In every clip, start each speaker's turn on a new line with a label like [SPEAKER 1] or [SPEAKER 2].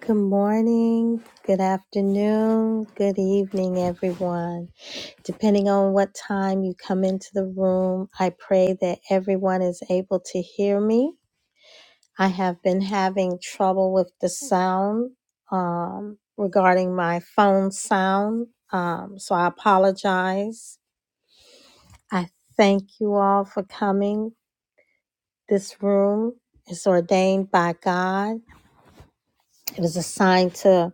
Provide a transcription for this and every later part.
[SPEAKER 1] Good morning, good afternoon, good evening, everyone. Depending on what time you come into the room, I pray that everyone is able to hear me. I have been having trouble with the sound um, regarding my phone sound, um, so I apologize. I thank you all for coming. This room is ordained by God, it is assigned to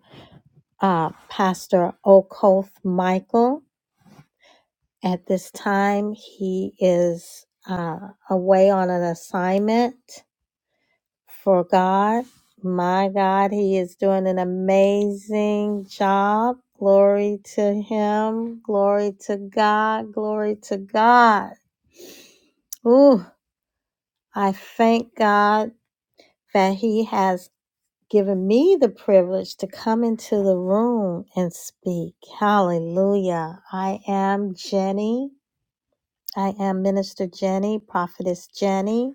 [SPEAKER 1] uh, Pastor Okoth Michael. At this time, he is uh, away on an assignment for God. My God, he is doing an amazing job. Glory to him. Glory to God. Glory to God. Ooh, I thank God that he has given me the privilege to come into the room and speak. Hallelujah. I am Jenny. I am Minister Jenny, Prophetess Jenny,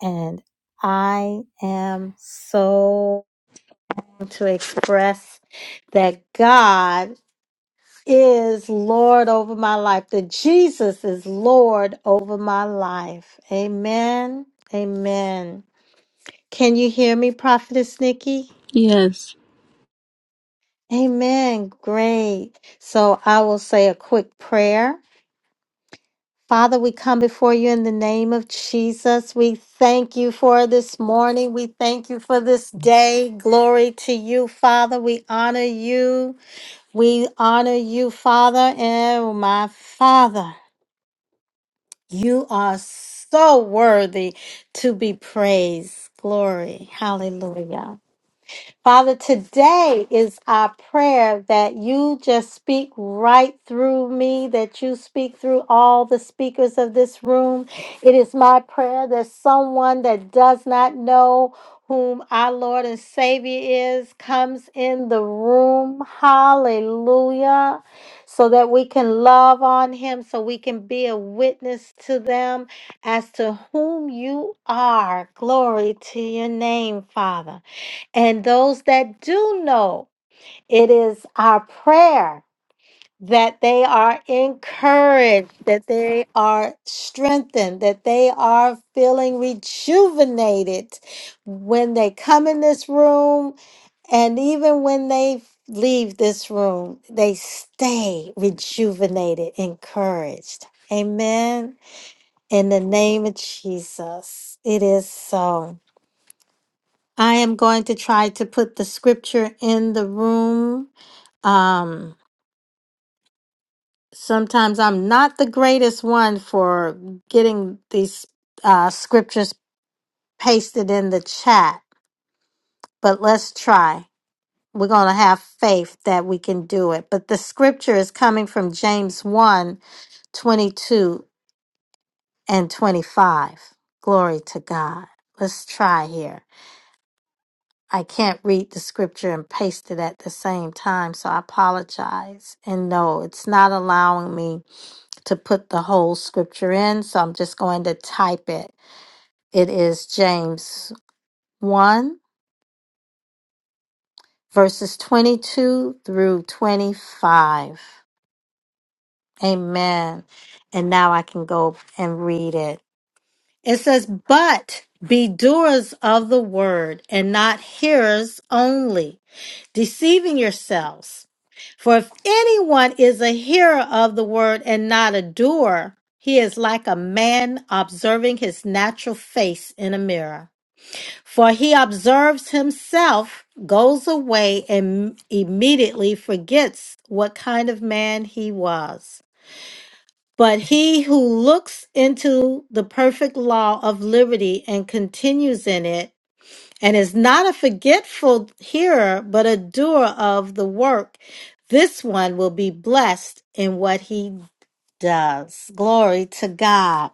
[SPEAKER 1] and I am so to express that God is Lord over my life, that Jesus is Lord over my life. Amen. Amen. Can you hear me, Prophetess Nikki?
[SPEAKER 2] Yes.
[SPEAKER 1] Amen. Great. So I will say a quick prayer. Father, we come before you in the name of Jesus. We thank you for this morning. We thank you for this day. Glory to you, Father. We honor you. We honor you, Father. And my Father, you are so worthy to be praised. Glory. Hallelujah. Father, today is our prayer that you just speak right through me, that you speak through all the speakers of this room. It is my prayer that someone that does not know whom our Lord and Savior is comes in the room. Hallelujah. So that we can love on him, so we can be a witness to them as to whom you are. Glory to your name, Father. And those that do know, it is our prayer that they are encouraged, that they are strengthened, that they are feeling rejuvenated when they come in this room and even when they leave this room, they stay rejuvenated, encouraged. Amen. In the name of Jesus, it is so. I am going to try to put the scripture in the room. Um, sometimes I'm not the greatest one for getting these uh, scriptures pasted in the chat, but let's try. We're going to have faith that we can do it. But the scripture is coming from James one 22 and 25. Glory to God. Let's try here. I can't read the scripture and paste it at the same time, so I apologize. And no, it's not allowing me to put the whole scripture in, so I'm just going to type it. It is James 1, verses 22 through 25. Amen. And now I can go and read it. It says, But be doers of the word and not hearers only deceiving yourselves. For if anyone is a hearer of the word and not a doer, he is like a man observing his natural face in a mirror. For he observes himself, goes away, and immediately forgets what kind of man he was. But he who looks into the perfect law of liberty and continues in it, and is not a forgetful hearer, but a doer of the work. This one will be blessed in what he does. Glory to God.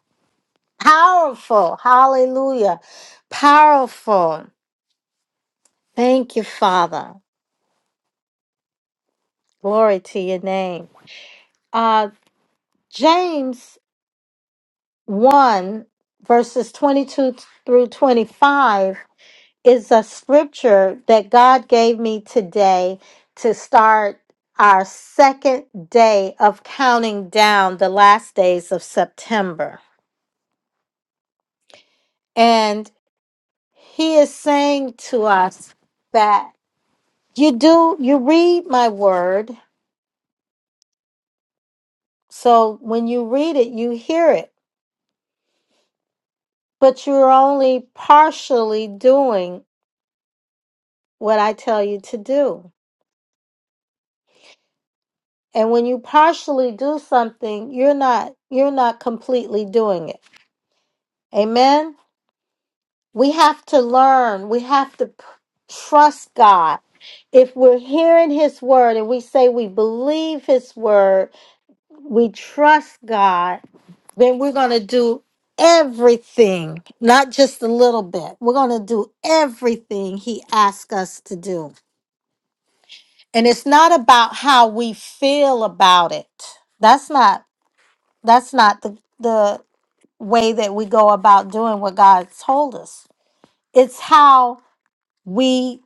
[SPEAKER 1] Powerful. Hallelujah. Powerful. Thank you, Father. Glory to your name. Uh, James 1, verses 22 through 25 is a scripture that God gave me today to start our second day of counting down the last days of September. And he is saying to us that you do, you read my word. So when you read it, you hear it, but you're only partially doing what I tell you to do. And when you partially do something, you're not, you're not completely doing it. Amen. We have to learn. We have to p- trust God. If we're hearing His word and we say we believe His word, we trust God, then we're going to do everything, not just a little bit. We're going to do everything He asks us to do. And it's not about how we feel about it. That's not that's not the the way that we go about doing what God told us. It's how we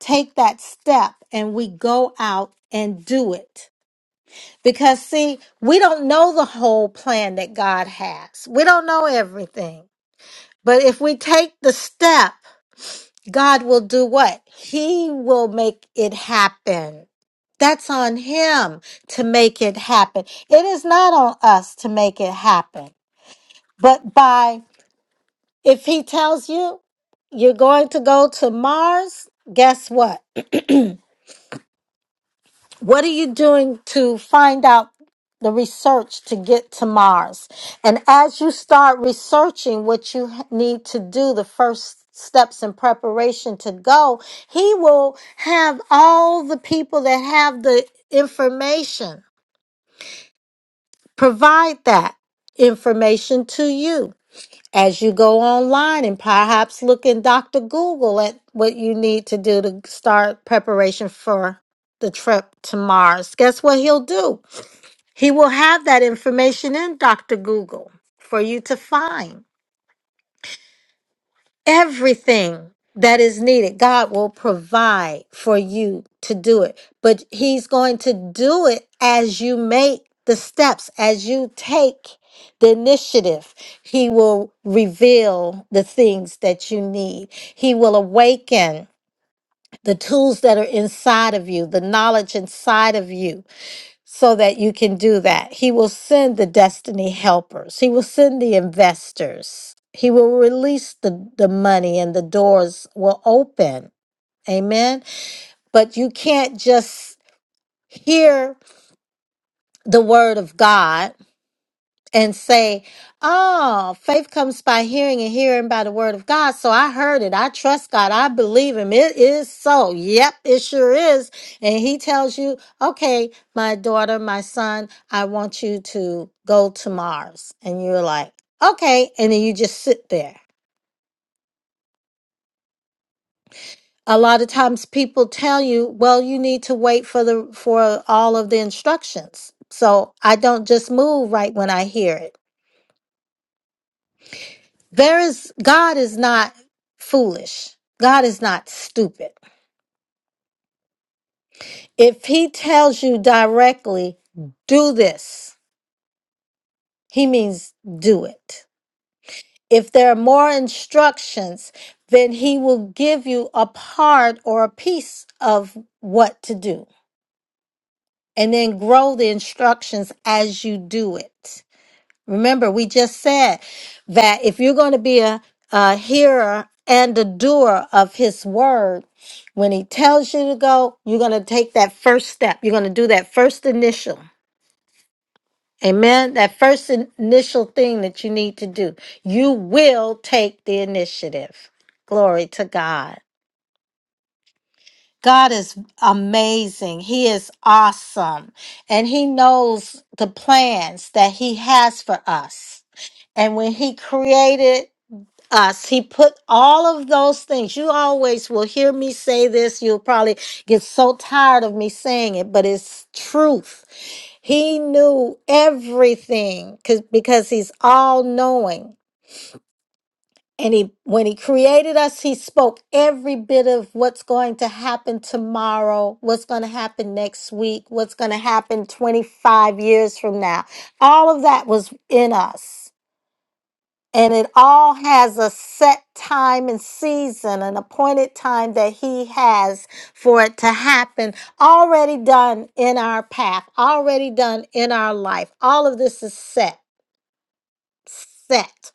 [SPEAKER 1] take that step and we go out and do it. Because, see, we don't know the whole plan that God has, we don't know everything. But if we take the step, God will do what? He will make it happen. That's on Him to make it happen. It is not on us to make it happen. But by, if He tells you you're going to go to Mars, guess what? What are you doing to find out the research to get to Mars? And as you start researching what you h- need to do, the first steps in preparation to go, he will have all the people that have the information provide that information to you as you go online and perhaps look in Dr. Google at what you need to do to start preparation for the trip to Mars. Guess what he'll do? He will have that information in Dr. Google for you to find everything that is needed. God will provide for you to do it, but He's going to do it as you make the steps, as you take the initiative. He will reveal the things that you need, He will awaken the tools that are inside of you, the knowledge inside of you so that you can do that. He will send the destiny helpers, He will send the investors, He will release the, the money, and the doors will open. Amen. But you can't just hear the word of God and say, Oh, faith comes by hearing and hearing by the word of God. So I heard it. I trust God. I believe him. It is so. Yep, it sure is. And he tells you, Okay, my daughter, my son, I want you to go to Mars. And you're like, Okay. And then you just sit there. A lot of times people tell you, well, you need to wait for the for all of the instructions. So I don't just move right when I hear it. There is God is not foolish. God is not stupid. If he tells you directly, do this, he means do it. If there are more instructions, then he will give you a part or a piece of what to do and then grow the instructions as you do it. Remember, we just said that if you're going to be a, a hearer and a doer of his word, when he tells you to go, you're going to take that first step. You're going to do that first initial. Amen. That first in- initial thing that you need to do. You will take the initiative. Glory to God. God is amazing. He is awesome. And he knows the plans that he has for us. And when he created us. He put all of those things. You always will hear me say this. You'll probably get so tired of me saying it, but it's truth. He knew everything 'cause- because he's all knowing. And he, when he created us, he spoke every bit of what's going to happen tomorrow, what's going to happen next week, what's going to happen 25 years from now. All of that was in us. And it all has a set time and season, an appointed time that He has for it to happen, already done in our path, already done in our life. All of this is set, set.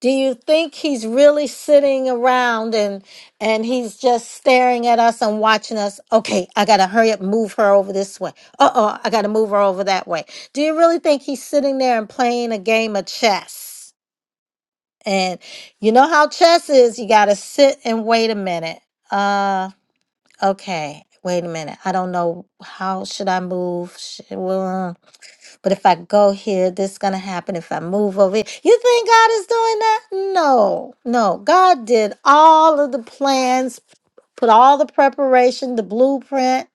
[SPEAKER 1] Do you think He's really sitting around and and He's just staring at us and watching us? Okay, I gotta hurry up, move her over this way. Uh oh, I gotta move her over that way. Do you really think He's sitting there and playing a game of chess? And you know how chess is, you got to sit and wait a minute. Uh okay, wait a minute. I don't know how should I move? Sh- well, But if I go here, this is going to happen if I move over here. You think God is doing that? No. No. God did all of the plans, put all the preparation, the blueprint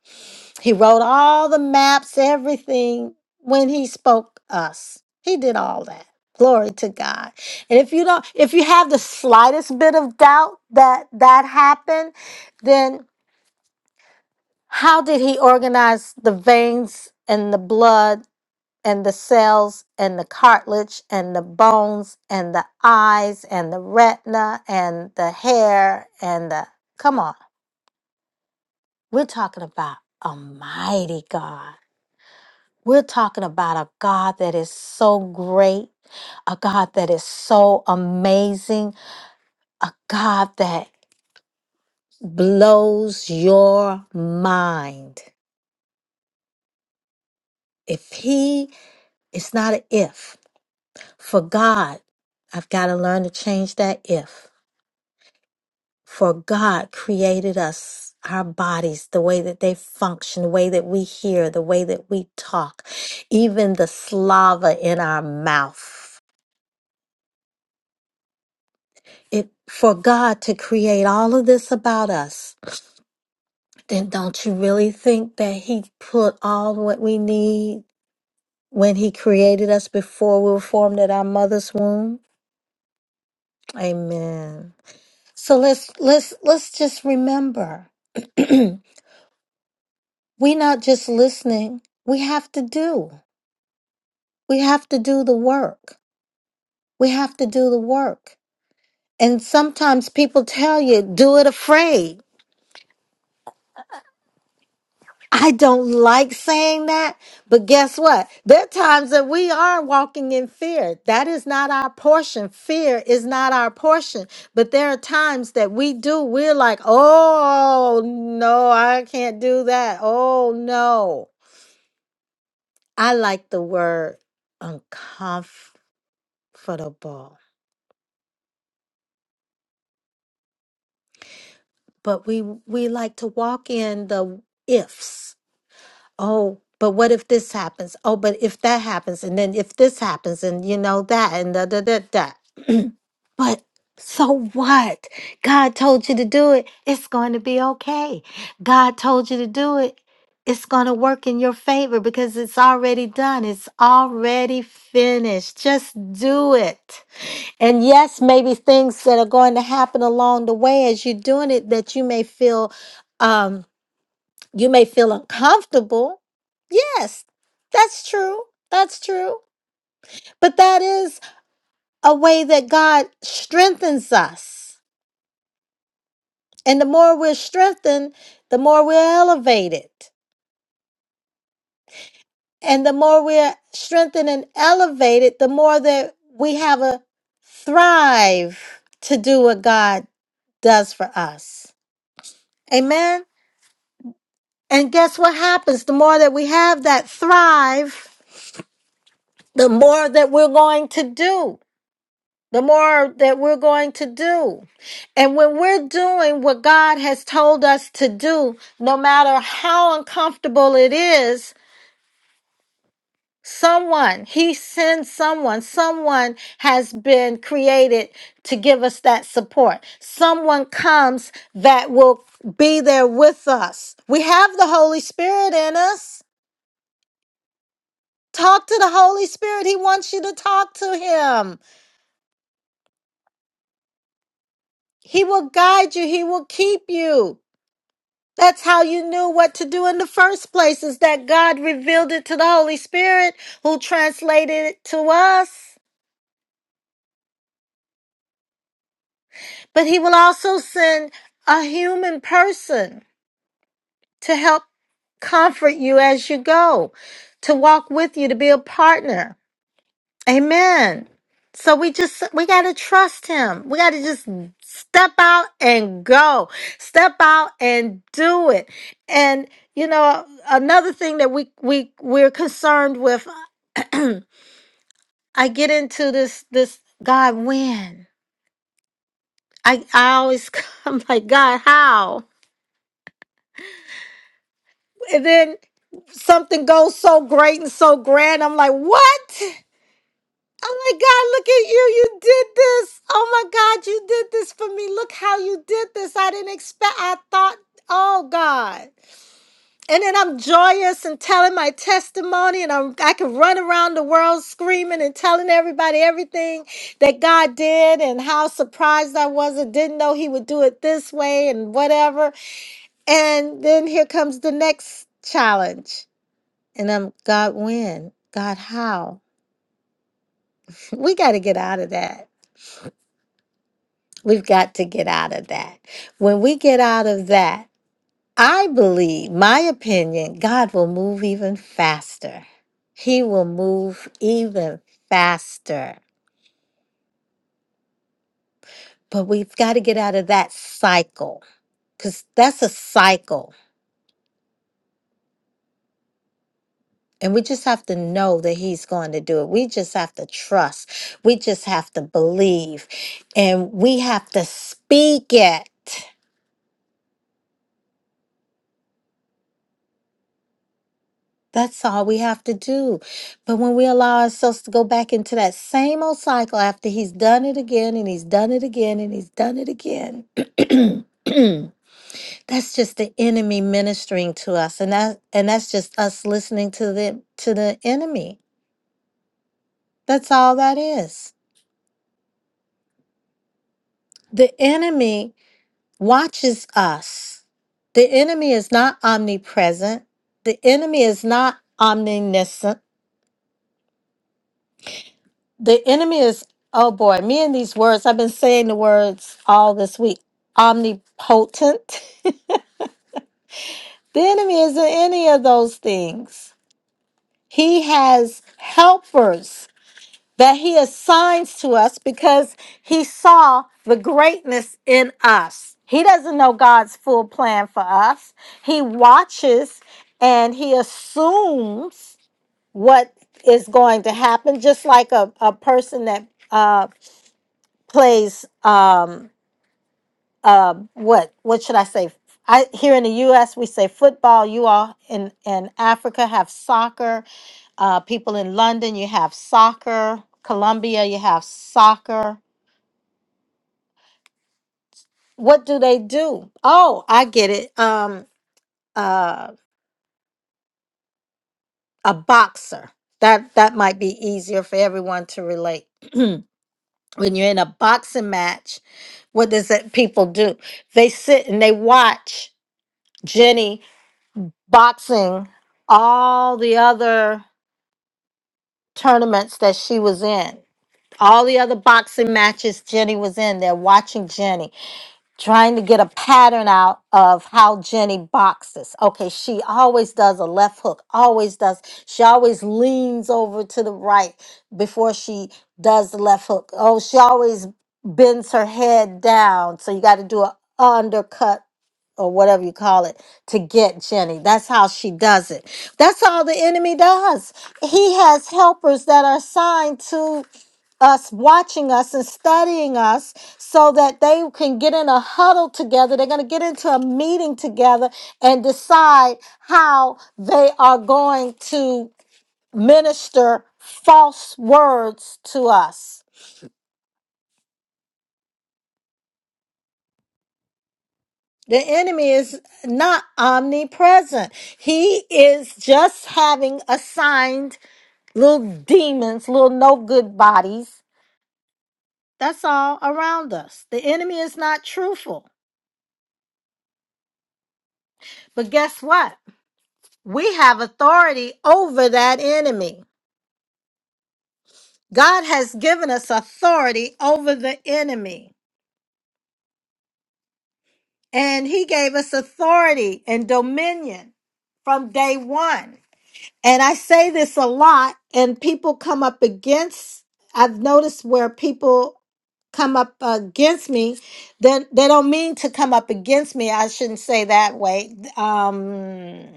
[SPEAKER 1] he wrote all the maps, everything when he spoke us. He did all that. Glory to God. And if you don't, if you have the slightest bit of doubt that that happened, then how did he organize the veins and the blood and the cells and the cartilage and the bones and the eyes and the retina and the hair and the, come on, we're talking about a mighty God. We're talking about a God that is so great, a God that is so amazing, a God that blows your mind. If He, it's not an if. For God, I've got to learn to change that if. For God created us, our bodies, the way that they function, the way that we hear, the way that we talk, even the slava in our mouth. it for God to create all of this about us, then don't you really think that He put all what we need when He created us before we were formed at our mother's womb? Amen. So let's let's let's just remember we're not just listening, we have to do. We have to do the work. We have to do the work. And sometimes people tell you, do it afraid. I don't like saying that, but guess what? There are times that we are walking in fear. That is not our portion. Fear is not our portion. But there are times that we do, we're like, oh, no, I can't do that. Oh, no. I like the word uncomfortable, but we, we like to walk in the ifs oh, but what if this happens? Oh, but if that happens, and then if this happens, and you know that, and da da da da. But so what? God told you to do it. It's going to be okay. God told you to do it. It's going to work in your favor because it's already done. It's already finished. Just do it. And yes, maybe things that are going to happen along the way as you're doing it that you may feel Um, you may feel uncomfortable. Yes, that's true. That's true. But that is a way that God strengthens us. And the more we're strengthened, the more we're elevated. And the more we're strengthened and elevated, the more that we have a thrive to do what God does for us. Amen. And guess what happens? The more that we have that thrive, the more that we're going to do. the more that we're going to do. And when we're doing what God has told us to do, no matter how uncomfortable it is, someone, He sends someone, someone has been created to give us that support. Someone comes that will be there with us. We have the Holy Spirit in us. Talk to the Holy Spirit. He wants you to talk to Him. He will guide you. He will keep you. That's how you knew what to do in the first place, is that God revealed it to the Holy Spirit who translated it to us. But He will also send a human person to help comfort you as you go, to walk with you, to be a partner. Amen. So we just, we got to trust Him. We got to just step out and go, step out and do it. And you know, another thing that we we we're concerned with Hmm, I get into this this God when I I always I'm like God how and then something goes so great and so grand I'm like what I'm like God look at you you did this oh my God you did this for me look how you did this I didn't expect I thought oh God and then I'm joyous and telling my testimony, and I'm I can run around the world screaming and telling everybody everything that God did and how surprised I was and didn't know He would do it this way and whatever. And then here comes the next challenge, and I'm God when God how we got to get out of that. We've got to get out of that. When we get out of that. I believe, my opinion, God will move even faster. He will move even faster. But we've got to get out of that cycle because that's a cycle. And we just have to know that He's going to do it. We just have to trust. We just have to believe. And we have to speak it. That's all we have to do. But when we allow ourselves to go back into that same old cycle after he's done it again and he's done it again and he's done it again. that's just the enemy ministering to us and that and that's just us listening to the to the enemy. That's all that is. The enemy watches us. The enemy is not omnipresent. The enemy is not omniscient The enemy is, oh boy, me and these words, I've been saying the words all this week omnipotent. The enemy isn't any of those things. He has helpers that he assigns to us because he saw the greatness in us. He doesn't know God's full plan for us. He watches and he assumes what is going to happen, just like a, a person that uh, plays. Um, uh, what what should I say? I here in the U.S. we say football. You all in in Africa have soccer. Uh, people in London, you have soccer. Colombia, you have soccer. What do they do? Oh, I get it. Um, uh, a boxer. That that might be easier for everyone to relate. when you're in a boxing match, what does that people do? They sit and they watch Jenny boxing all the other tournaments that she was in. All the other boxing matches Jenny was in, they're watching Jenny, trying to get a pattern out of how Jenny boxes. Okay, she always does a left hook, always does. She always leans over to the right before she does the left hook. Oh, she always bends her head down. So you got to do an undercut or whatever you call it to get Jenny. That's how she does it. That's all the enemy does. He has helpers that are assigned to us, watching us and studying us so that they can get in a huddle together. They're going to get into a meeting together and decide how they are going to minister false words to us. The enemy is not omnipresent. He is just having assigned little demons, little no good bodies. That's all around us. The enemy is not truthful. But guess what? We have authority over that enemy. God has given us authority over the enemy, and He gave us authority and dominion from day one. And I say this a lot, and people come up against. I've noticed where people come up against me. Then they don't mean to come up against me. I shouldn't say that way. Um,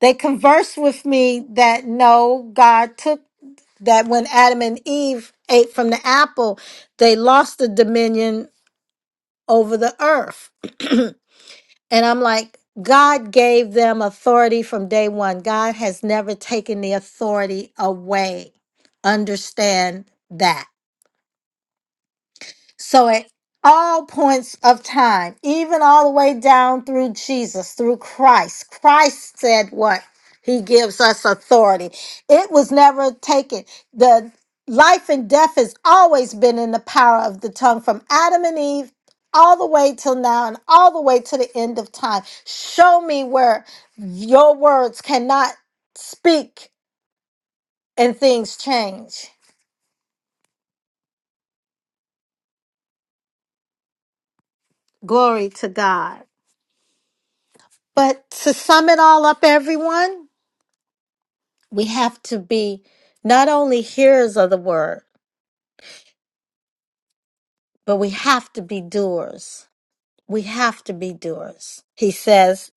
[SPEAKER 1] they converse with me that no, God took that when Adam and Eve ate from the apple, they lost the dominion over the earth. And I'm like, God gave them authority from day one. God has never taken the authority away. Understand that. So at all points of time, even all the way down through Jesus, through Christ, Christ said what? He gives us authority. It was never taken. The life and death has always been in the power of the tongue from Adam and Eve all the way till now and all the way to the end of time. Show me where your words cannot speak and things change. Glory to God. But to sum it all up, everyone, We have to be not only hearers of the word, but we have to be doers. We have to be doers. He says,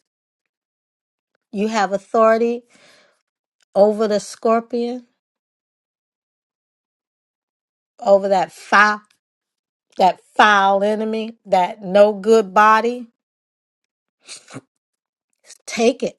[SPEAKER 1] "You have authority over the scorpion, over that foul, that foul enemy, that no good body. Take it."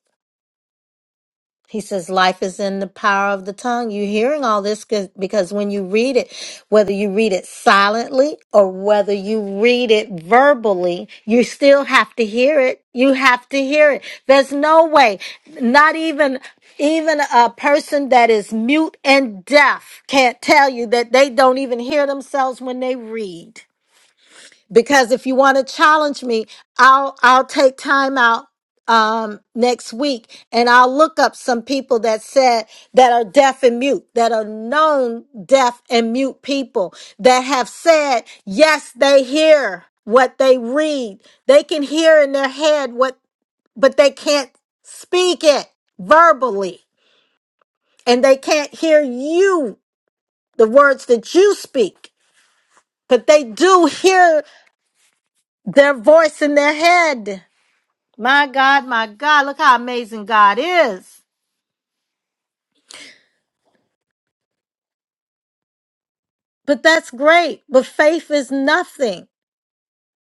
[SPEAKER 1] He says, Life is in the power of the tongue. You're hearing all this 'cause- because when you read it, whether you read it silently or whether you read it verbally, you still have to hear it. You have to hear it. There's no way, not even. Even a person that is mute and deaf can't tell you that they don't even hear themselves when they read because if you want to challenge me i'll i'll take time out um next week and i'll look up some people that said that are deaf and mute that are known deaf and mute people that have said yes they hear what they read they can hear in their head what but they can't speak it verbally and they can't hear you the words that you speak but they do hear their voice in their head My God, my God, look how amazing God is. But that's great. But faith is nothing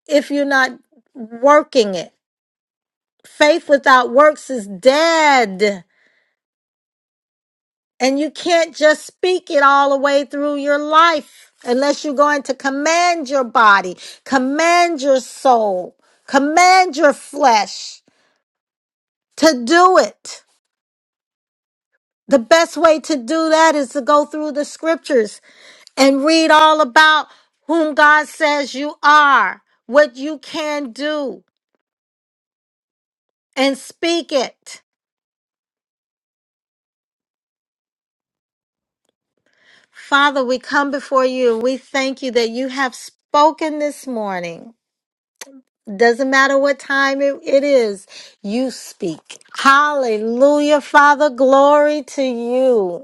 [SPEAKER 1] if you're not working it. Faith without works is dead. And you can't just speak it all the way through your life unless you're going to command your body, command your soul, command your flesh to do it. The best way to do that is to go through the scriptures and read all about whom God says you are, what you can do, and speak it. Father, we come before you and we thank you that you have spoken this morning. Doesn't matter what time it it is, you speak. Hallelujah, Father. Glory to you.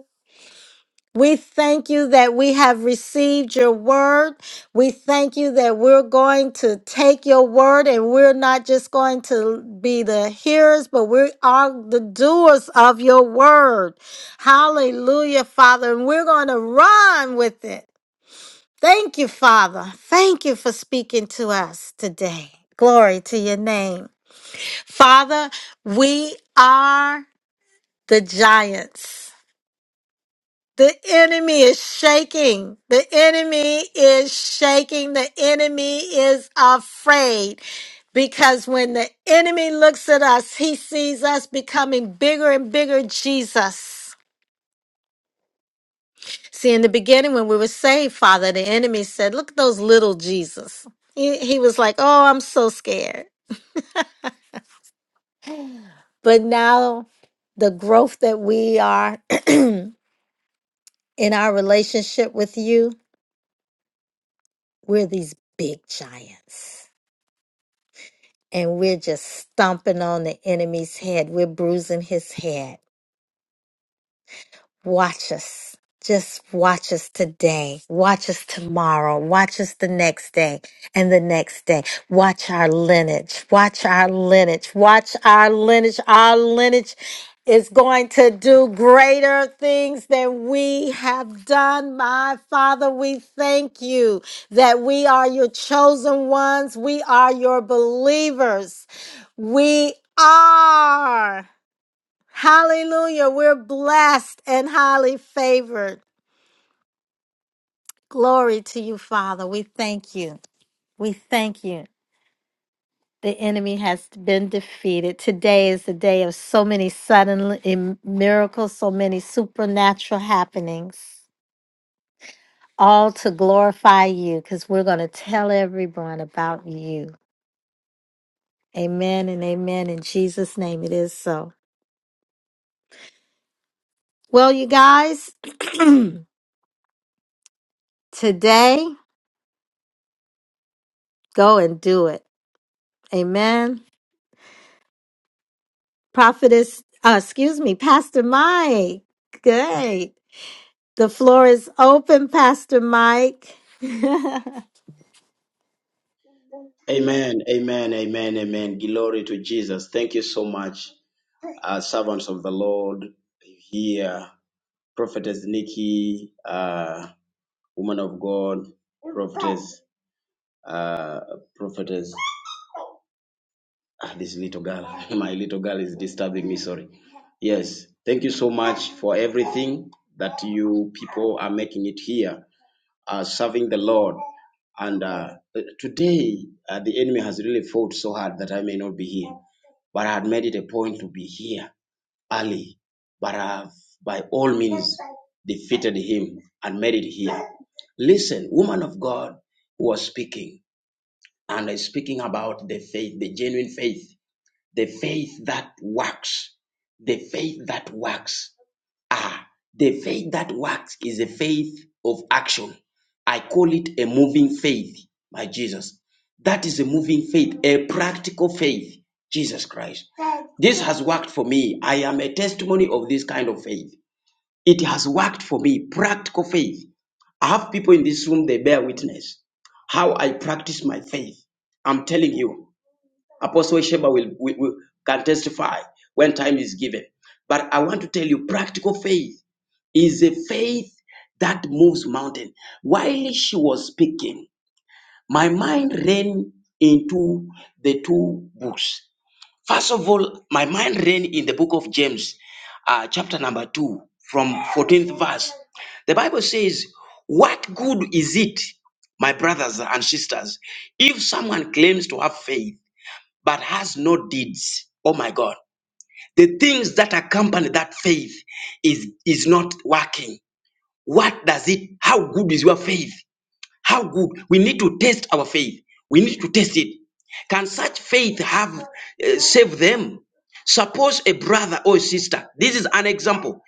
[SPEAKER 1] We thank you that we have received your word. We thank you that we're going to take your word and we're not just going to be the hearers, but we are the doers of your word. Hallelujah, Father. And we're going to run with it. Thank you, Father. Thank you for speaking to us today. Glory to your name. Father, we are the giants. The enemy is shaking. The enemy is shaking. The enemy is afraid. Because when the enemy looks at us, he sees us becoming bigger and bigger, Jesus. See, in the beginning, when we were saved, Father, the enemy said, Look at those little Jesus. He, he was like, Oh, I'm so scared. But now, the growth that we are in our relationship with you, we're these big giants and we're just stomping on the enemy's head. We're bruising his head. Watch us. Just watch us today. Watch us tomorrow. Watch us the next day and the next day. Watch our lineage. Watch our lineage. Watch our lineage. Our lineage is going to do greater things than we have done. My Father, we thank you that we are your chosen ones. We are your believers. We are. Hallelujah. We're blessed and highly favored. Glory to you, Father. We thank you. We thank you. The enemy has been defeated. Today is the day of so many sudden im- miracles, so many supernatural happenings, all to glorify you because we're going to tell everyone about you. Amen and amen. In Jesus' name, it is so. Well, you guys, today, go and do it. Amen. Prophetess, uh, excuse me, Pastor Mike. Good. The floor is open, Pastor Mike.
[SPEAKER 3] Amen, amen, amen, amen. Glory to Jesus. Thank you so much, uh, servants of the Lord here, prophetess Nikki, uh, woman of God, prophetess, uh, prophetess. Ah, this little girl, my little girl is disturbing me. Sorry. Yes, thank you so much for everything that you people are making it here. uh, serving the Lord. And uh, today, uh, the enemy has really fought so hard that I may not be here. But I had made it a point to be here early. But I have, by all means, defeated him and made it here. Listen, woman of God who was speaking, and is speaking about the faith, the genuine faith, the faith that works, the faith that works. Ah, the faith that works is a faith of action. I call it a moving faith, my Jesus. That is a moving faith, a practical faith, Jesus Christ. This has worked for me. I am a testimony of this kind of faith. It has worked for me, practical faith. I have people in this room, they bear witness how I practice my faith. I'm telling you, Apostle Sheba will, will, will- can testify when time is given. But I want to tell you, practical faith is a faith that moves mountain. While she was speaking, my mind ran into the two books. First of all, my mind ran in the book of James, uh, chapter number two, from 14th verse. The Bible says, What good is it, my brothers and sisters, if someone claims to have faith but has no deeds? Oh my God. The things that accompany that faith is, is not working. What does it, how good is your faith? How good? We need to test our faith. We need to test it. Can such faith have uh, saved them? Suppose a brother or a sister, this is an example,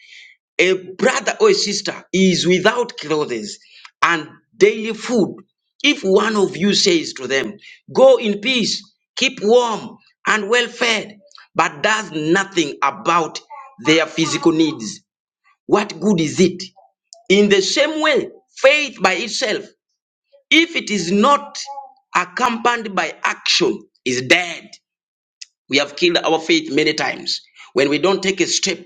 [SPEAKER 3] a brother or a sister is without clothes and daily food. If one of you says to them, Go in peace, keep warm and well fed, but does nothing about their physical needs, what good is it? In the same way, faith by itself, if it is not accompanied by action, is dead. We have killed our faith many times. When we don't take a step,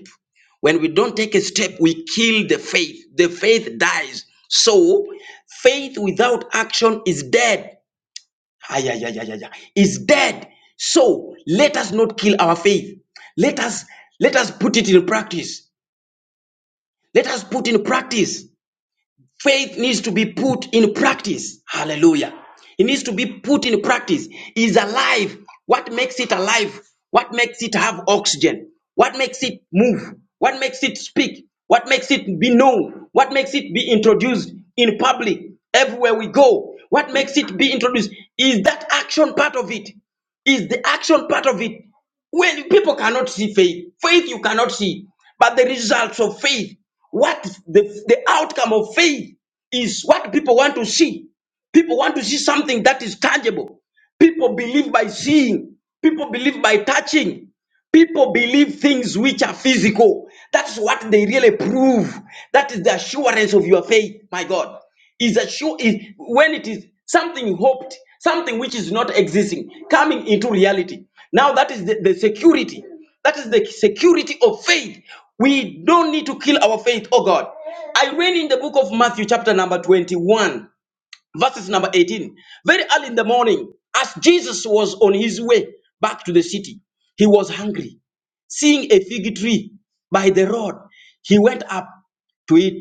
[SPEAKER 3] when we don't take a step, we kill the faith. The faith dies. So, faith without action is dead. Ay, ay, ay, ay, ay, ay. Is dead. So, let us not kill our faith. Let us let us put it in practice. Let us put in practice Faith needs to be put in practice. Hallelujah. It needs to be put in practice. Is alive. What makes it alive? What makes it have oxygen? What makes it move? What makes it speak? What makes it be known? What makes it be introduced in public everywhere we go? What makes it be introduced? Is that action part of it? Is the action part of it? When people cannot see faith, faith you cannot see, but the results of faith, what the, the outcome of faith is what people want to see. People want to see something that is tangible. People believe by seeing, people believe by touching. People believe things which are physical. That's what they really prove. That is the assurance of your faith, my God. Is assure is when it is something hoped, something which is not existing, coming into reality. Now that is the, the security. That is the security of faith. We don't need to kill our faith, oh God. I read in the book of Matthew, chapter number 21, verses number 18. Very early in the morning, as Jesus was on his way back to the city, he was hungry seeing a fig tree by the road, he went up to it,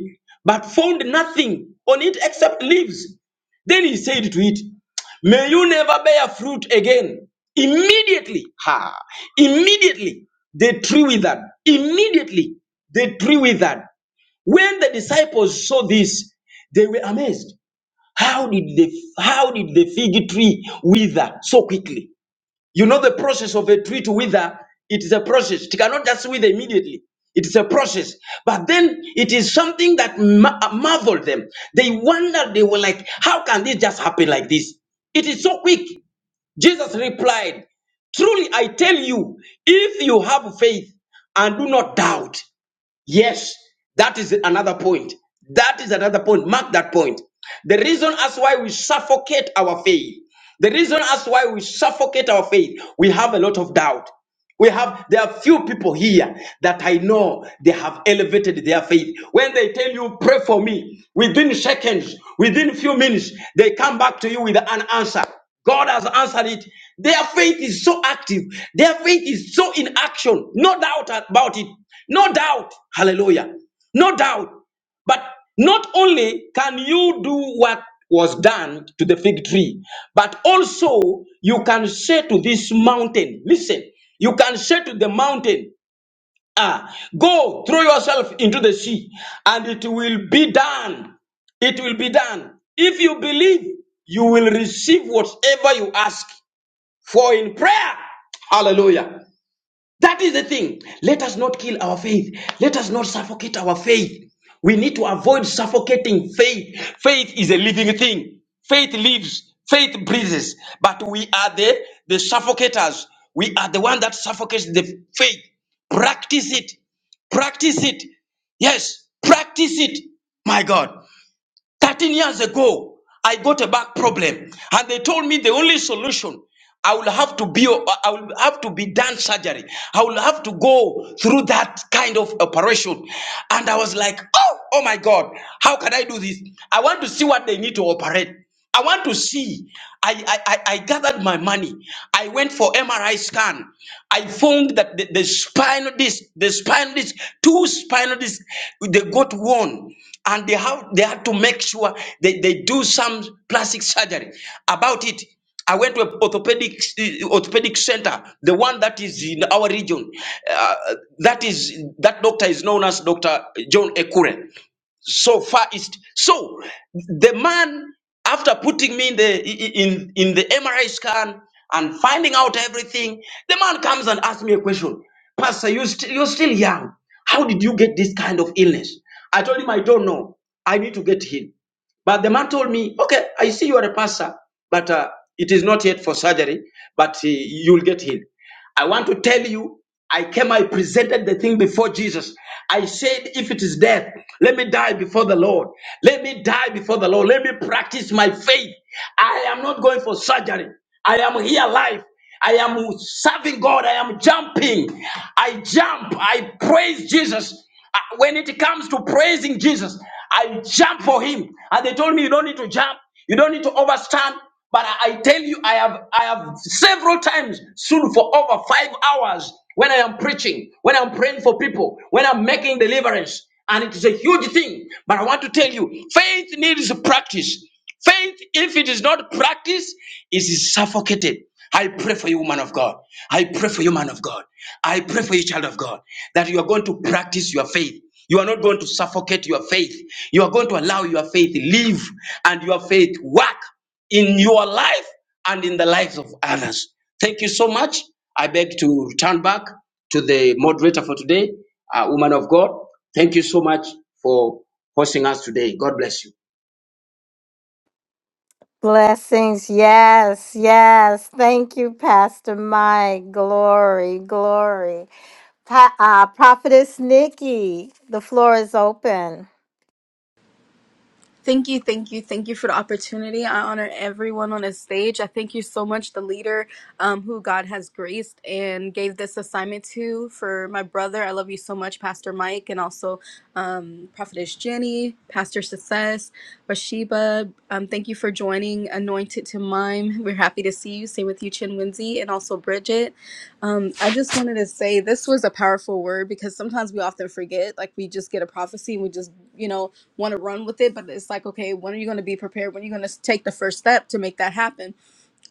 [SPEAKER 3] but found nothing on it except leaves. Then he said to it, May you never bear fruit again. Immediately, ha, immediately the tree withered. Immediately the tree withered. When the disciples saw this, they were amazed. How did the how did the fig tree wither so quickly? You know the process of a tree to wither, it is a process. It cannot just wither immediately. It is a process. But then it is something that ma- marveled them. They wondered, they were like, how can this just happen like this? It is so quick. Jesus replied, Truly I tell you, if you have faith and do not doubt, Yes, that is another point. That is another point. Mark that point. The reason as why we suffocate our faith, the reason as why we suffocate our faith, we have a lot of doubt. We have there are few people here that I know they have elevated their faith. When they tell you pray for me, within seconds, within few minutes, they come back to you with an answer. God has answered it. Their faith is so active. Their faith is so in action. No doubt about it. No doubt. Hallelujah. No doubt. But not only can you do what was done to the fig tree, but also you can say to this mountain, listen, you can say to the mountain, ah, go throw yourself into the sea, and it will be done. It will be done. If you believe, you will receive whatever you ask for in prayer. Hallelujah. That is the thing. Let us not kill our faith. Let us not suffocate our faith. We need to avoid suffocating faith. Faith is a living thing. Faith lives. Faith breathes. But we are the, the suffocators. We are the one that suffocates the faith. Practice it. Practice it. Yes, practice it. My God. 13 years ago, I got a back problem, and they told me the only solution I will have to be I will have to be done surgery. I will have to go through that kind of operation. And I was like, oh, oh my God, how can I do this? I want to see what they need to operate. I want to see. I, I, I I gathered my money. I went for MRI scan. I found that the, the spinal disc, the spinal disc, two spinal discs, they got worn. And they have they had to make sure they, they do some plastic surgery about it. I went to an orthopedic eh, orthopedic center, the one that is in our region. Uh, that is that doctor is known as Dr. John Ekure so far east. So the man, after putting me in the in in the MRI scan and finding out everything, the man comes and asks me a question. Pastor, you st- you're still young. How did you get this kind of illness? I told him I don't know. I need to get healed. But the man told me, okay, I see you are a pastor, but uh, it is not yet for surgery, but uh, you'll get healed. I want to tell you, I came, I presented the thing before Jesus. I said, if it is death, let me die before the Lord. Let me die before the Lord. Let me practice my faith. I am not going for surgery. I am here live. I am serving God. I am jumping. I jump. I praise Jesus. Uh, When it comes to praising Jesus, I jump for him. And they told me you don't need to jump, you don't need to overstand. But I I tell you, I have I have several times soon for over five hours when I am preaching, when I'm praying for people, when I'm making deliverance, and it is a huge thing. But I want to tell you, faith needs practice. Faith, if it is not practiced, is suffocated. I pray for you, man of God. I pray for you, man of God. I pray for you, child of God, that you are going to practice your faith. You are not going to suffocate your faith. You are going to allow your faith live and your faith work in your life and in the lives of others. Thank you so much. I beg to turn back to the moderator for today, uh, woman of God. Thank you so much for hosting us today. God bless you.
[SPEAKER 1] Blessings. Yes, yes. Thank you, Pastor Mike. Glory, glory. Pa- uh, Prophetess Nikki, the floor is open.
[SPEAKER 2] Thank you, thank you, thank you for the opportunity. I honor everyone on this stage. I thank you so much, the leader um, who God has graced and gave this assignment to for my brother. I love you so much, Pastor Mike, and also um, Prophetess Jenny, Pastor Success, Bathsheba. Um, thank you for joining Anointed to Mime. We're happy to see you. Same with you, Chin Winsey, and also Bridget. Um, I just wanted to say this was a powerful word because sometimes we often forget, like we just get a prophecy and we just, you know, want to run with it but it's like okay when are you going to be prepared when are you going to take the first step to make that happen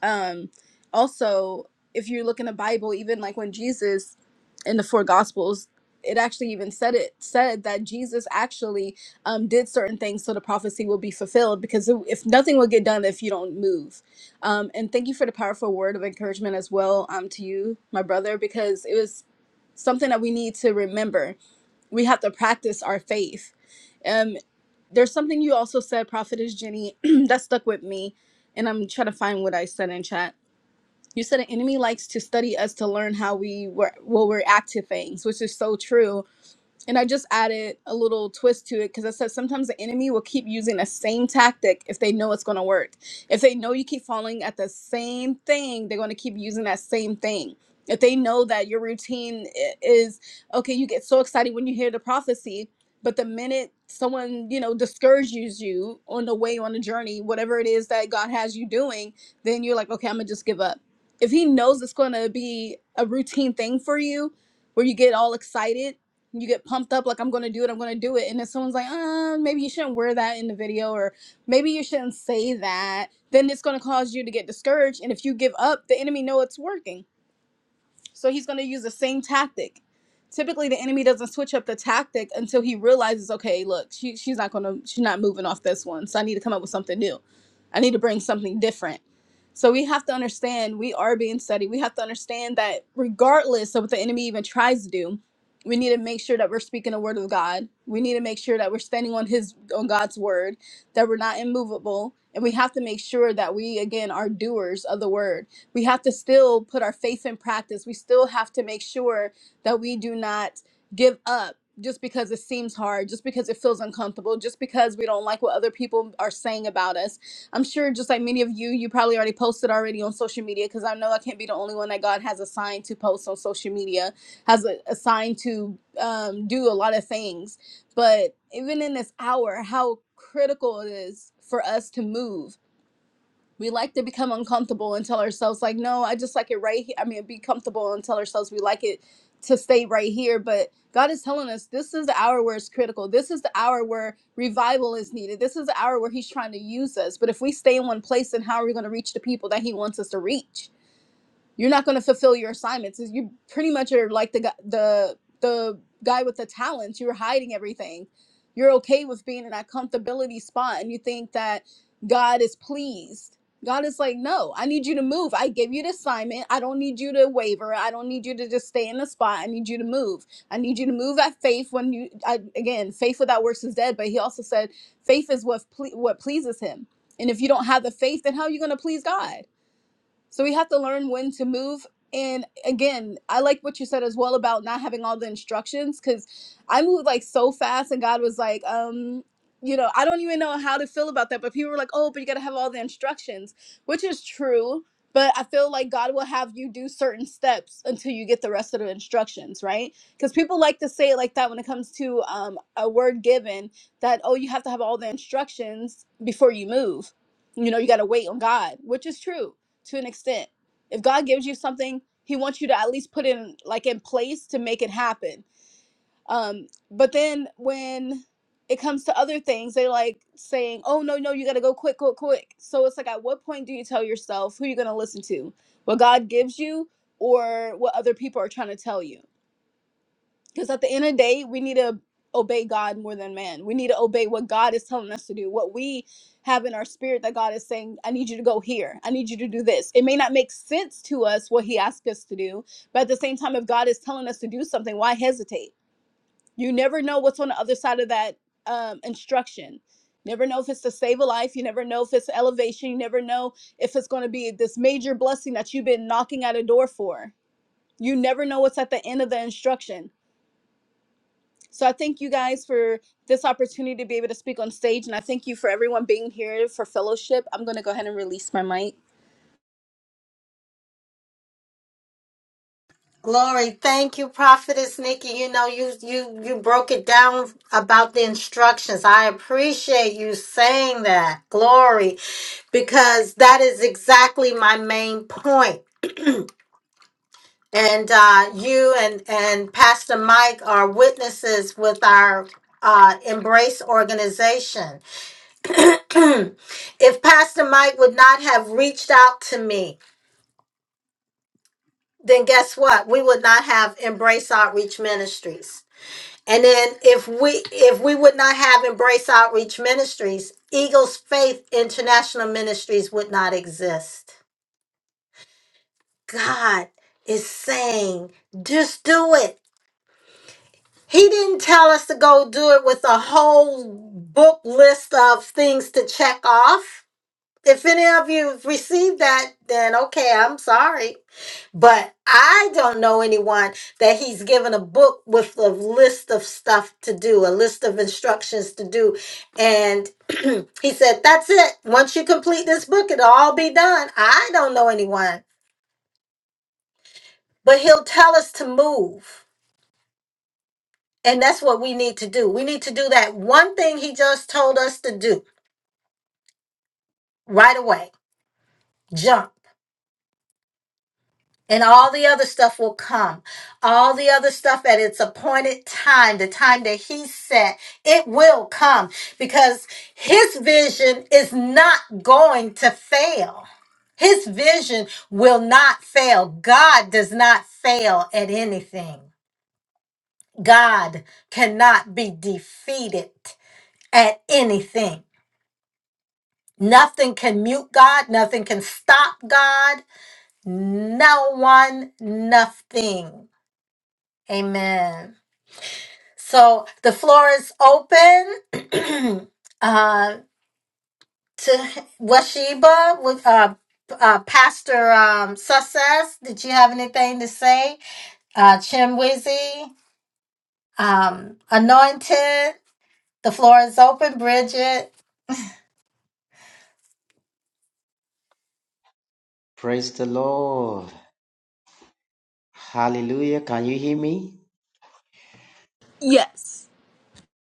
[SPEAKER 2] um also if you look in the bible even like when jesus in the four gospels it actually even said it said that jesus actually um, did certain things so the prophecy will be fulfilled because if if nothing will get done if you don't move um, and thank you for the powerful word of encouragement as well um, to you my brother because it was something that we need to remember we have to practice our faith Um, there's something you also said, Prophetess Jenny, that stuck with me, and I'm trying to find what I said in chat. You said an enemy likes to study us to learn how we were will react to things, which is so true. And I just added a little twist to it because I said sometimes the enemy will keep using the same tactic if they know it's going to work. If they know you keep falling at the same thing, they're going to keep using that same thing. If they know that your routine i- is okay, you get so excited when you hear the prophecy, but the minute someone, you know, discourages you on the way, on the journey, whatever it is that God has you doing, then you're like, okay, I'm going to just give up. If He knows it's going to be a routine thing for you, where you get all excited you get pumped up like i'm gonna do it i'm gonna do it and then someone's like uh maybe you shouldn't wear that in the video or maybe you shouldn't say that then it's gonna cause you to get discouraged and if you give up the enemy know it's working so he's going to use the same tactic. Typically, the enemy doesn't switch up the tactic until he realizes, okay, look, she, she's not going to, she's not moving off this one. So I need to come up with something new. I need to bring something different. So we have to understand we are being studied. We have to understand that regardless of what the enemy even tries to do, we need to make sure that we're speaking the word of God. We need to make sure that we're standing on his on God's word, that we're not immovable, and we have to make sure that we again are doers of the word we have to still put our faith in practice. We still have to make sure that we do not give up just because it seems hard, just because it feels uncomfortable, just because we don't like what other people are saying about us. I'm sure, just like many of you, you probably already posted already on social media because I know I can't be the only one that God has assigned to post on social media, has a, assigned to um, do a lot of things. But even in this hour, how critical it is for us to move we like to become uncomfortable and tell ourselves like no i just like it right here i mean be comfortable and tell ourselves we like it to stay right here but god is telling us this is the hour where it's critical this is the hour where revival is needed this is the hour where he's trying to use us but if we stay in one place then how are we going to reach the people that he wants us to reach you're not going to fulfill your assignments. You pretty much are like the gu- the the guy with the talents. You're hiding everything. You're okay with being in that comfortability spot, and you think that God is pleased. God is like, no, I need you to move. I gave you the assignment. I don't need you to waver. I don't need you to just stay in the spot. I need you to move. I need you to move at faith. When you I, again, faith without works is dead. But he also said, faith is what ple- what pleases him. And if you don't have the faith, then how are you going to please God? So we have to learn when to move. And again, I like what you said as well about not having all the instructions because I moved like so fast, and God was like, um, you know, I don't even know how to feel about that. But people were like, oh, but you got to have all the instructions, which is true. But I feel like God will have you do certain steps until you get the rest of the instructions, right? Because people like to say it like that when it comes to um, a word given that, oh, you have to have all the instructions before you move. You know, you got to wait on God, which is true to an extent. If God gives you something, He wants you to at least put in like in place to make it happen. Um, but then when it comes to other things, they like saying, "Oh no, no, you got to go quick, quick, quick." So it's like, at what point do you tell yourself who you're going to listen to, what God gives you, or what other people are trying to tell you? Because at the end of the day, we need to obey God more than man. We need to obey what God is telling us to do, what we have in our spirit that God is saying, I need you to go here. I need you to do this. It may not make sense to us what He asked us to do, but at the same time, if God is telling us to do something, why hesitate? You never know what's on the other side of that um, instruction. Never know if it's to save a life. You never know if it's elevation. You never know if it's going to be this major blessing that you've been knocking at a door for. You never know what's at the end of the instruction. So I thank you guys for this opportunity to be able to speak on stage, and I thank you for everyone being here for fellowship. I'm going to go ahead and release my mic.
[SPEAKER 1] Glory, thank you, Prophetess Nikki. You know, you you you broke it down about the instructions. I appreciate you saying that. Glory, because that is exactly my main point. And uh, you and and Pastor Mike are witnesses with our uh, Embrace organization. if Pastor Mike would not have reached out to me, then guess what? We would not have Embrace Outreach Ministries And then if we if we would not have Embrace Outreach Ministries, Eagles Faith International Ministries would not exist. God is saying, just do it. He didn't tell us to go do it with a whole book list of things to check off. If any of you received that, then okay, I'm sorry. But I don't know anyone that he's given a book with a list of stuff to do, a list of instructions to do. And he said, That's it. Once you complete this book, it'll all be done. I don't know anyone. But he'll tell us to move. And that's what we need to do. We need to do that one thing he just told us to do right away jump And all the other stuff will come. All the other stuff at its appointed time, the time that he set, it will come because his vision is not going to fail. His vision will not fail. God does not fail at anything. God cannot be defeated at anything. Nothing can mute God. Nothing can stop God. No one, nothing. Amen. So the floor is open uh, to Washiba with uh, uh, Pastor um, Success. Did you have anything to say? Uh, Chimwizzy, um, Anointed. The floor is open, Bridget.
[SPEAKER 4] Praise the Lord. Hallelujah. Can you hear me?
[SPEAKER 2] Yes.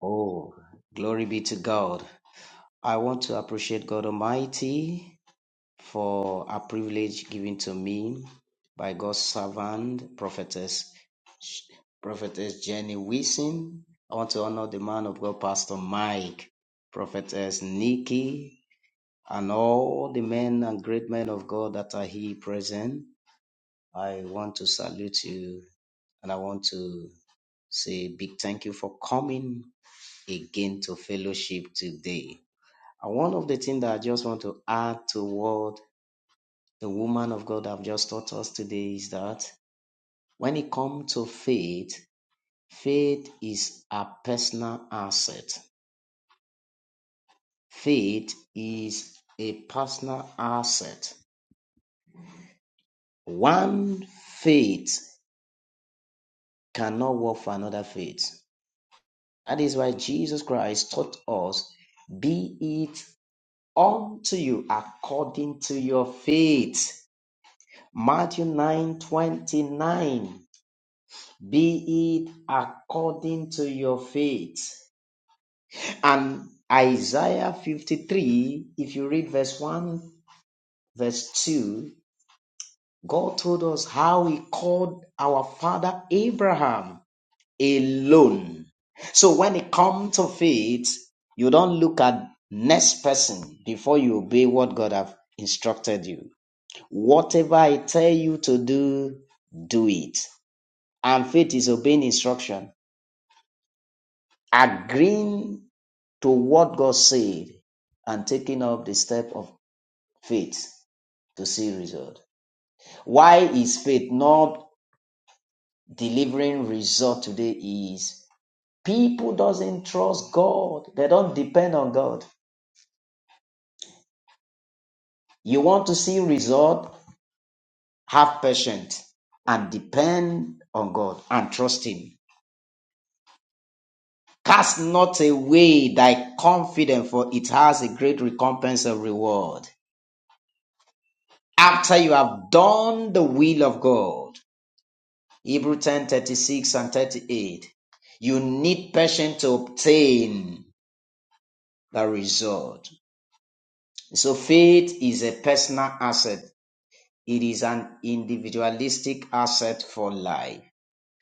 [SPEAKER 4] Oh, glory be to God. I want to appreciate God Almighty for a privilege given to me by God's servant, prophetess, prophetess Jenny Wilson. I want to honor the man of God, Pastor Mike, prophetess Nikki, and all the men and great men of God that are here present. I want to salute you and I want to Say a big thank you for coming again to fellowship today. And one of the things that I just want to add to what the woman of God have just taught us today is that when it comes to faith, faith is a personal asset. Faith is a personal asset. One faith cannot work for another faith. That is why Jesus Christ taught us be it unto you according to your faith. Matthew 9 29. Be it according to your faith. And Isaiah 53, if you read verse 1, verse 2, God told us how He called our father Abraham alone. So when it comes to faith, you don't look at next person before you obey what God have instructed you. Whatever I tell you to do, do it. And faith is obeying instruction, agreeing to what God said, and taking up the step of faith to see result. Why is faith not delivering result today? Is people doesn't trust God. They don't depend on God. You want to see result? Have patience and depend on God and trust Him. Cast not away thy confidence, for it has a great recompense of reward. After you have done the will of God, Hebrew 10 36 and 38, you need patience to obtain the result. So faith is a personal asset. It is an individualistic asset for life.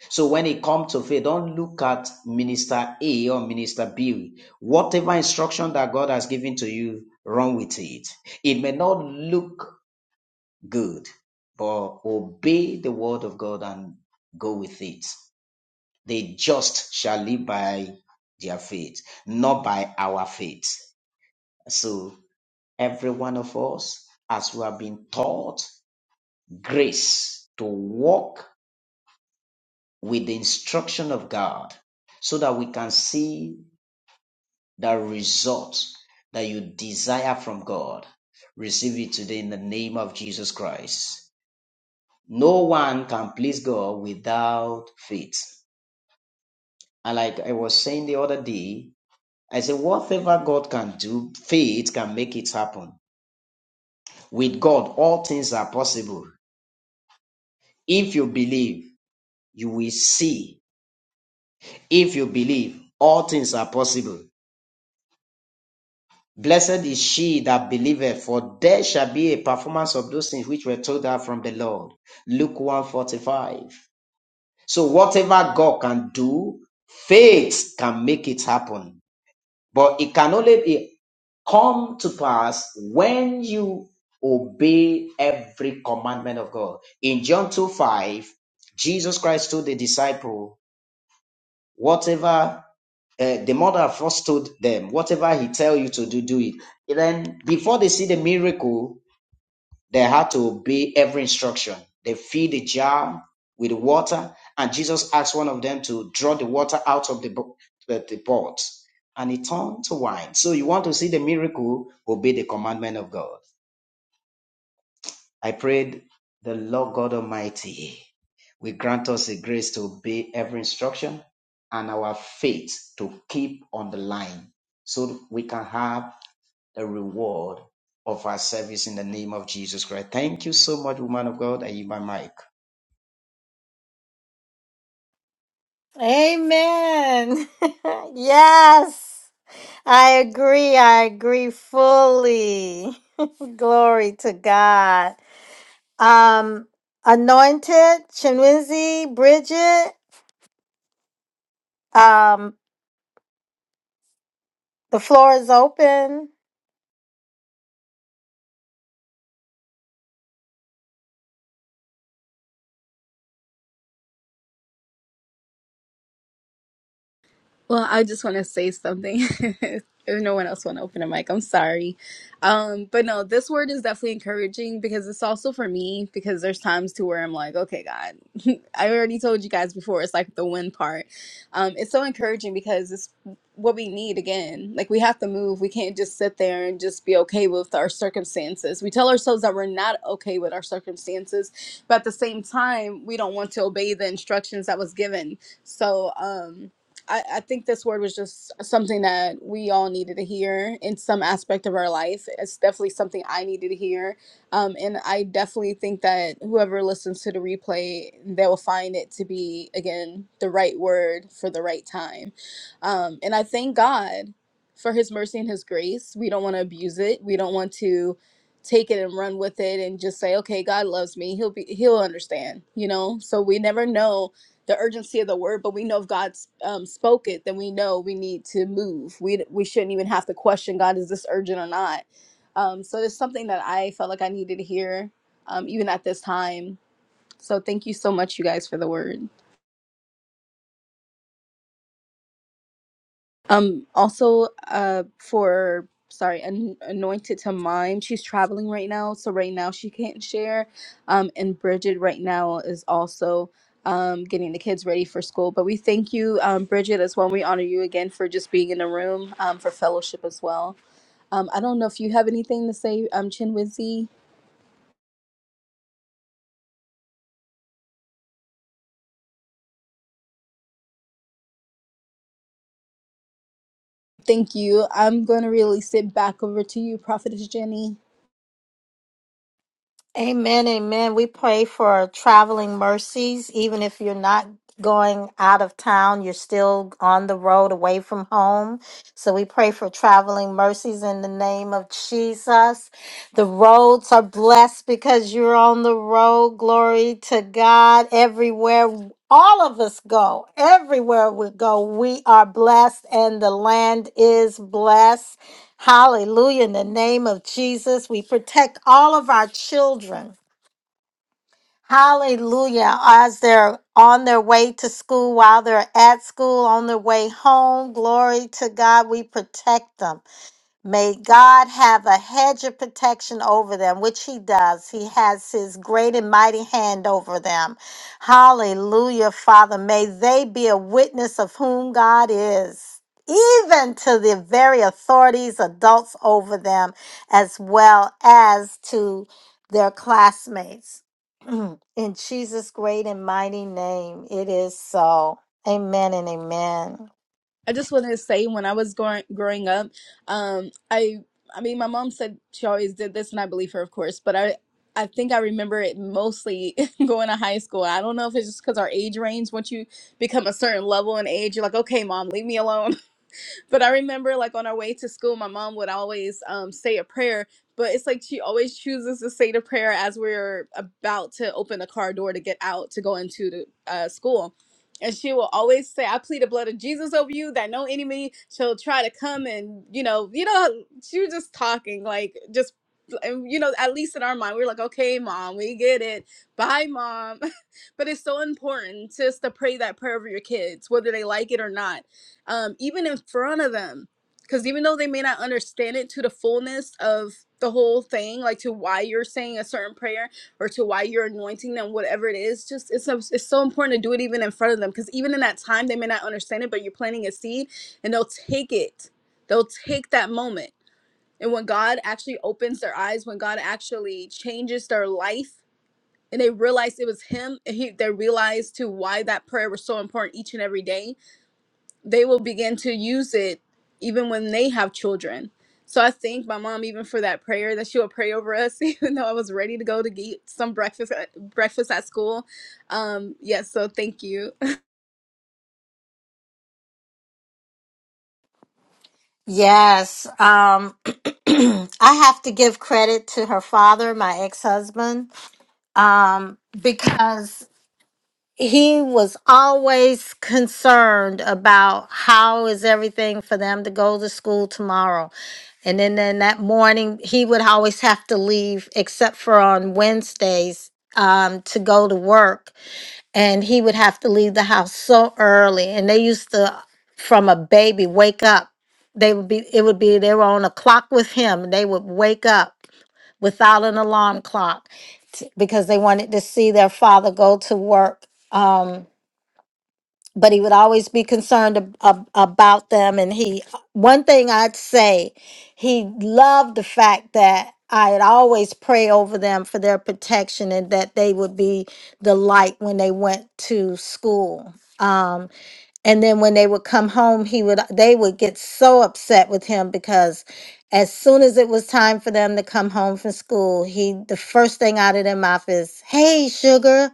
[SPEAKER 4] So when it comes to faith, don't look at minister A or minister B. Whatever instruction that God has given to you, run with it. It may not look good, but obey the word of God and go with it. The just shall live by their faith, not by our faith. So every one of us, as we have been taught, grace to walk with the instruction of God so that we can see that result that you desire from God. Receive it today in the name of Jesus Christ. No one can please God without faith. And like I was saying the other day, I said, whatever God can do, faith can make it happen. With God, all things are possible. If you believe, you will see. If you believe, all things are possible. Blessed is she that believeth, for there shall be a performance of those things which were told her from the Lord. Luke one forty five. So whatever God can do, faith can make it happen. But it can only be come to pass when you obey every commandment of God. In John two five, Jesus Christ told the disciple, whatever uh, the mother first told them, whatever he tell you to do, do it. And then before they see the miracle, they had to obey every instruction. They filled the jar with water, and Jesus asked one of them to draw the water out of the, bo- the, the pot, and it turned to wine. So you want to see the miracle, obey the commandment of God. I prayed the Lord God Almighty will grant us the grace to obey every instruction and our faith to keep on the line so we can have the reward of our service in the name of Jesus Christ. Thank you so much, woman of God, and you, my mic.
[SPEAKER 1] Amen. yes, I agree. I agree fully. Glory to God. Um, Anointed, Chinwinzy, Bridget, um, the floor is open.
[SPEAKER 2] Well, I just want to say something. if no one else want to open a mic, I'm sorry. Um, but no, this word is definitely encouraging because it's also for me because there's times to where I'm like, okay, God, I already told you guys before. It's like the win part. Um, it's so encouraging because it's what we need again. Like we have to move. We can't just sit there and just be okay with our circumstances. We tell ourselves that we're not okay with our circumstances, but at the same time, we don't want to obey the instructions that was given. So, um I, I think this word was just something that we all needed to hear in some aspect of our life. It's definitely something I needed to hear. Um, and I definitely think that whoever listens to the replay, they will find it to be, again, the right word for the right time. Um, and I thank God for his mercy and his grace. We don't want to abuse it, we don't want to take it and run with it and just say okay god loves me he'll be he'll understand you know so we never know the urgency of the word, but we know if God's um, spoke it, then we know we need to move. We we shouldn't even have to question God is this urgent or not. Um, so it's something that I felt like I needed to hear, um, even at this time. So thank you so much, you guys, for the word. Um, also, uh, for sorry, an- anointed to mime. She's traveling right now, so right now she can't share. Um, and Bridget right now is also um getting the kids ready for school. But we thank you, um, Bridget, as well. We honor you again for just being in the room, um, for fellowship as well. Um, I don't know if you have anything to say, um, Chinwizi. Thank you. I'm going to really sit back over to you, Prophetess Jenny.
[SPEAKER 1] Amen, amen. We pray for traveling mercies, even if you're not going out of town, you're still on the road away from home. So we pray for traveling mercies in the name of Jesus. The roads are blessed because you're on the road. Glory to God. Everywhere all of us go, everywhere we go, we are blessed and the land is blessed. Hallelujah. In the name of Jesus, we protect all of our children. Hallelujah. As they're on their way to school, while they're at school, on their way home, glory to God, we protect them. May God have a hedge of protection over them, which He does. He has His great and mighty hand over them. Hallelujah, Father. May they be a witness of whom God is, even to the very authorities, adults over them, as well as to their classmates. In Jesus' great and mighty name, it is so. Amen and amen.
[SPEAKER 2] I just want to say when I was growing growing up, um, I I mean my mom said she always did this, and I believe her, of course. But I I think I remember it mostly going to high school. I don't know if it's just because our age range. Once you become a certain level in age, you're like, okay, mom, leave me alone. but I remember like on our way to school, my mom would always um, say a prayer, but it's like she always chooses to say the prayer as we're about to open the car door to get out to go into the uh, school. And she will always say, I plead the blood of Jesus over you that no enemy shall try to come and, you know, you know, she was just talking like just, and, you know, at least in our mind, we were like, okay, mom, we get it. Bye, mom. but it's so important just to pray that prayer over your kids, whether they like it or not um, even in front of them. Because even though they may not understand it to the fullness of the whole thing, like to why you're saying a certain prayer or to why you're anointing them, whatever it is, just it's so, it's so important to do it even in front of them. Because even in that time, they may not understand it, but you're planting a seed, and they'll take it. They'll take that moment, and when God actually opens their eyes, when God actually changes their life, and they realize it was Him, and he, they realize to why that prayer was so important each and every day they will begin to use it even when they have children. So I thank my mom even for that prayer that she would pray over us, even though I was ready to go to get some breakfast at, breakfast at school. Um, yes, so thank you.
[SPEAKER 1] Yes. Um I have to give credit to her father, my ex-husband, um because he was always concerned about how is everything for them to go to school tomorrow. And then, then that morning he would always have to leave except for on Wednesdays um to go to work and he would have to leave the house so early and they used to from a baby wake up they would be it would be they were on a clock with him and they would wake up without an alarm clock t- because they wanted to see their father go to work Um, but he would always be concerned ab- ab- about them and he one thing i'd say he loved the fact that i'd always pray over them for their protection and that they would be the light when they went to school um, and then when they would come home he would they would get so upset with him because as soon as it was time for them to come home from school he the first thing out of their mouth is hey sugar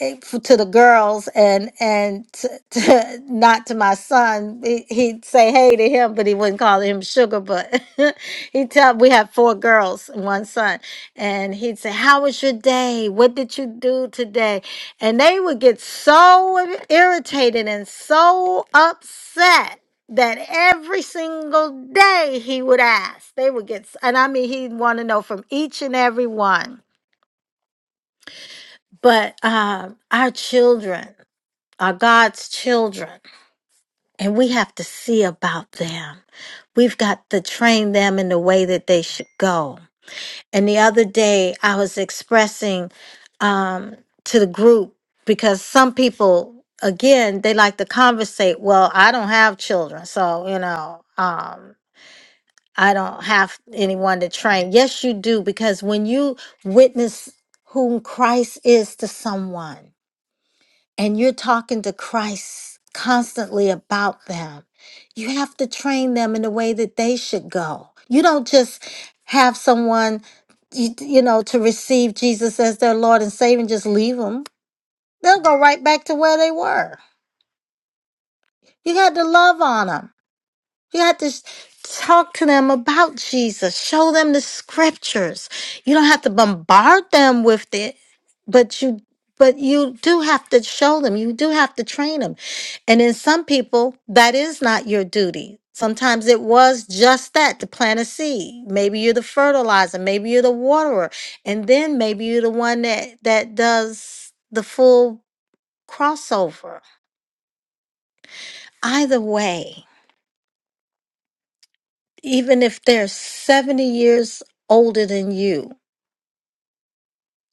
[SPEAKER 1] eh, f- to the girls and and to, to, not to my son. He, he'd say hey to him, but he wouldn't call him sugar. But he'd tell we had four girls and one son, and he'd say, "How was your day? What did you do today?" And they would get so irritated and so upset. That every single day he would ask, they would get, s- and I mean, he'd want to know from each and every one. But um, our children, are God's children, and we have to see about them. We've got to train them in the way that they should go. And the other day, I was expressing um, to the group because some people, again, they like to conversate. Well, I don't have children, so you know, um, I don't have anyone to train. Yes, you do, because when you witness whom Christ is to someone and you're talking to Christ constantly about them, you have to train them in the way that they should go. You don't just have someone, you, you know, to receive Jesus as their Lord and Savior and just leave them. They'll go right back to where they were. You had to love on them. You have to s- talk to them about Jesus. Show them the scriptures. You don't have to bombard them with it, but you but you do have to show them. You do have to train them. And in some people, that is not your duty. Sometimes it was just that to plant a seed. Maybe you're the fertilizer, maybe you're the waterer, and then maybe you're the one that that does the full crossover. Either way, even if they're 70 years older than you,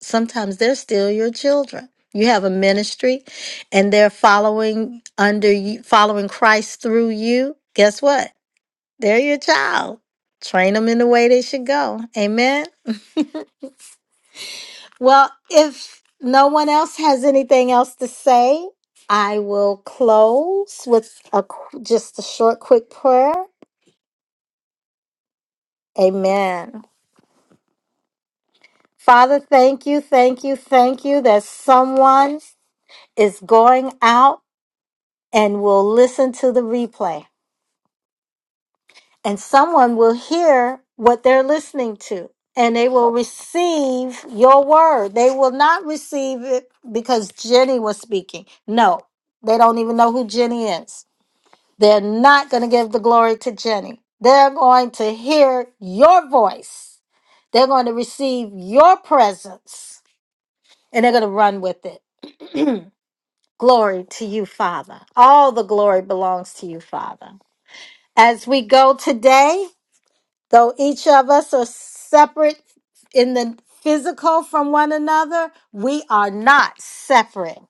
[SPEAKER 1] sometimes they're still your children. You have a ministry and they're following under you, following Christ through you. Guess what? They're your child. Train them in the way they should go. Amen. Well, if no one else has anything else to say, I will close with a qu- just a short quick prayer. Amen. Father, thank you, thank you, thank you that someone is going out and will listen to the replay. And someone will hear what they're listening to and they will receive your word. They will not receive it because Jenny was speaking. No, they don't even know who Jenny is. They're not going to give the glory to Jenny. They're going to hear your voice. They're going to receive your presence and they're going to run with it. Glory to you, Father. All the glory belongs to you, Father. As we go today, though each of us are separate in the physical from one another, we are not separate.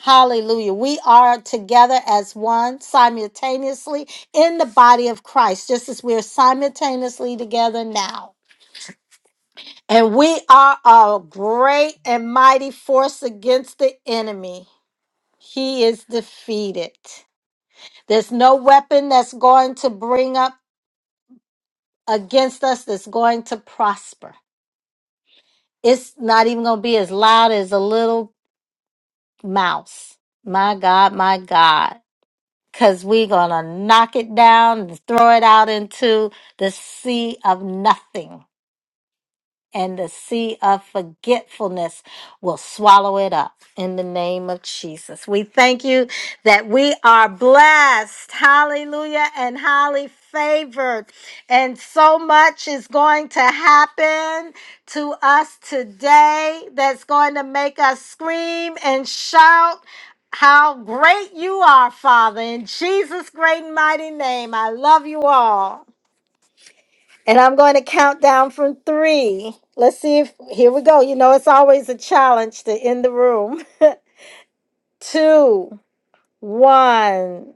[SPEAKER 1] Hallelujah. We are together as one simultaneously in the body of Christ, just as we are simultaneously together now. And we are a great and mighty force against the enemy. He is defeated. There's no weapon that's going to bring up against us that's going to prosper. It's not even going to be as loud as a little mouse. My God, my God. Because we're going to knock it down and throw it out into the sea of nothing. and the sea of forgetfulness will swallow it up in the name of Jesus. We thank you that we are blessed. Hallelujah and highly favored. And so much is going to happen to us today that's going to make us scream and shout. How great you are, Father. In Jesus' great and mighty name, I love you all. And I'm going to count down from three. Let's see if here we go. You know, it's always a challenge to end the room. Two, one.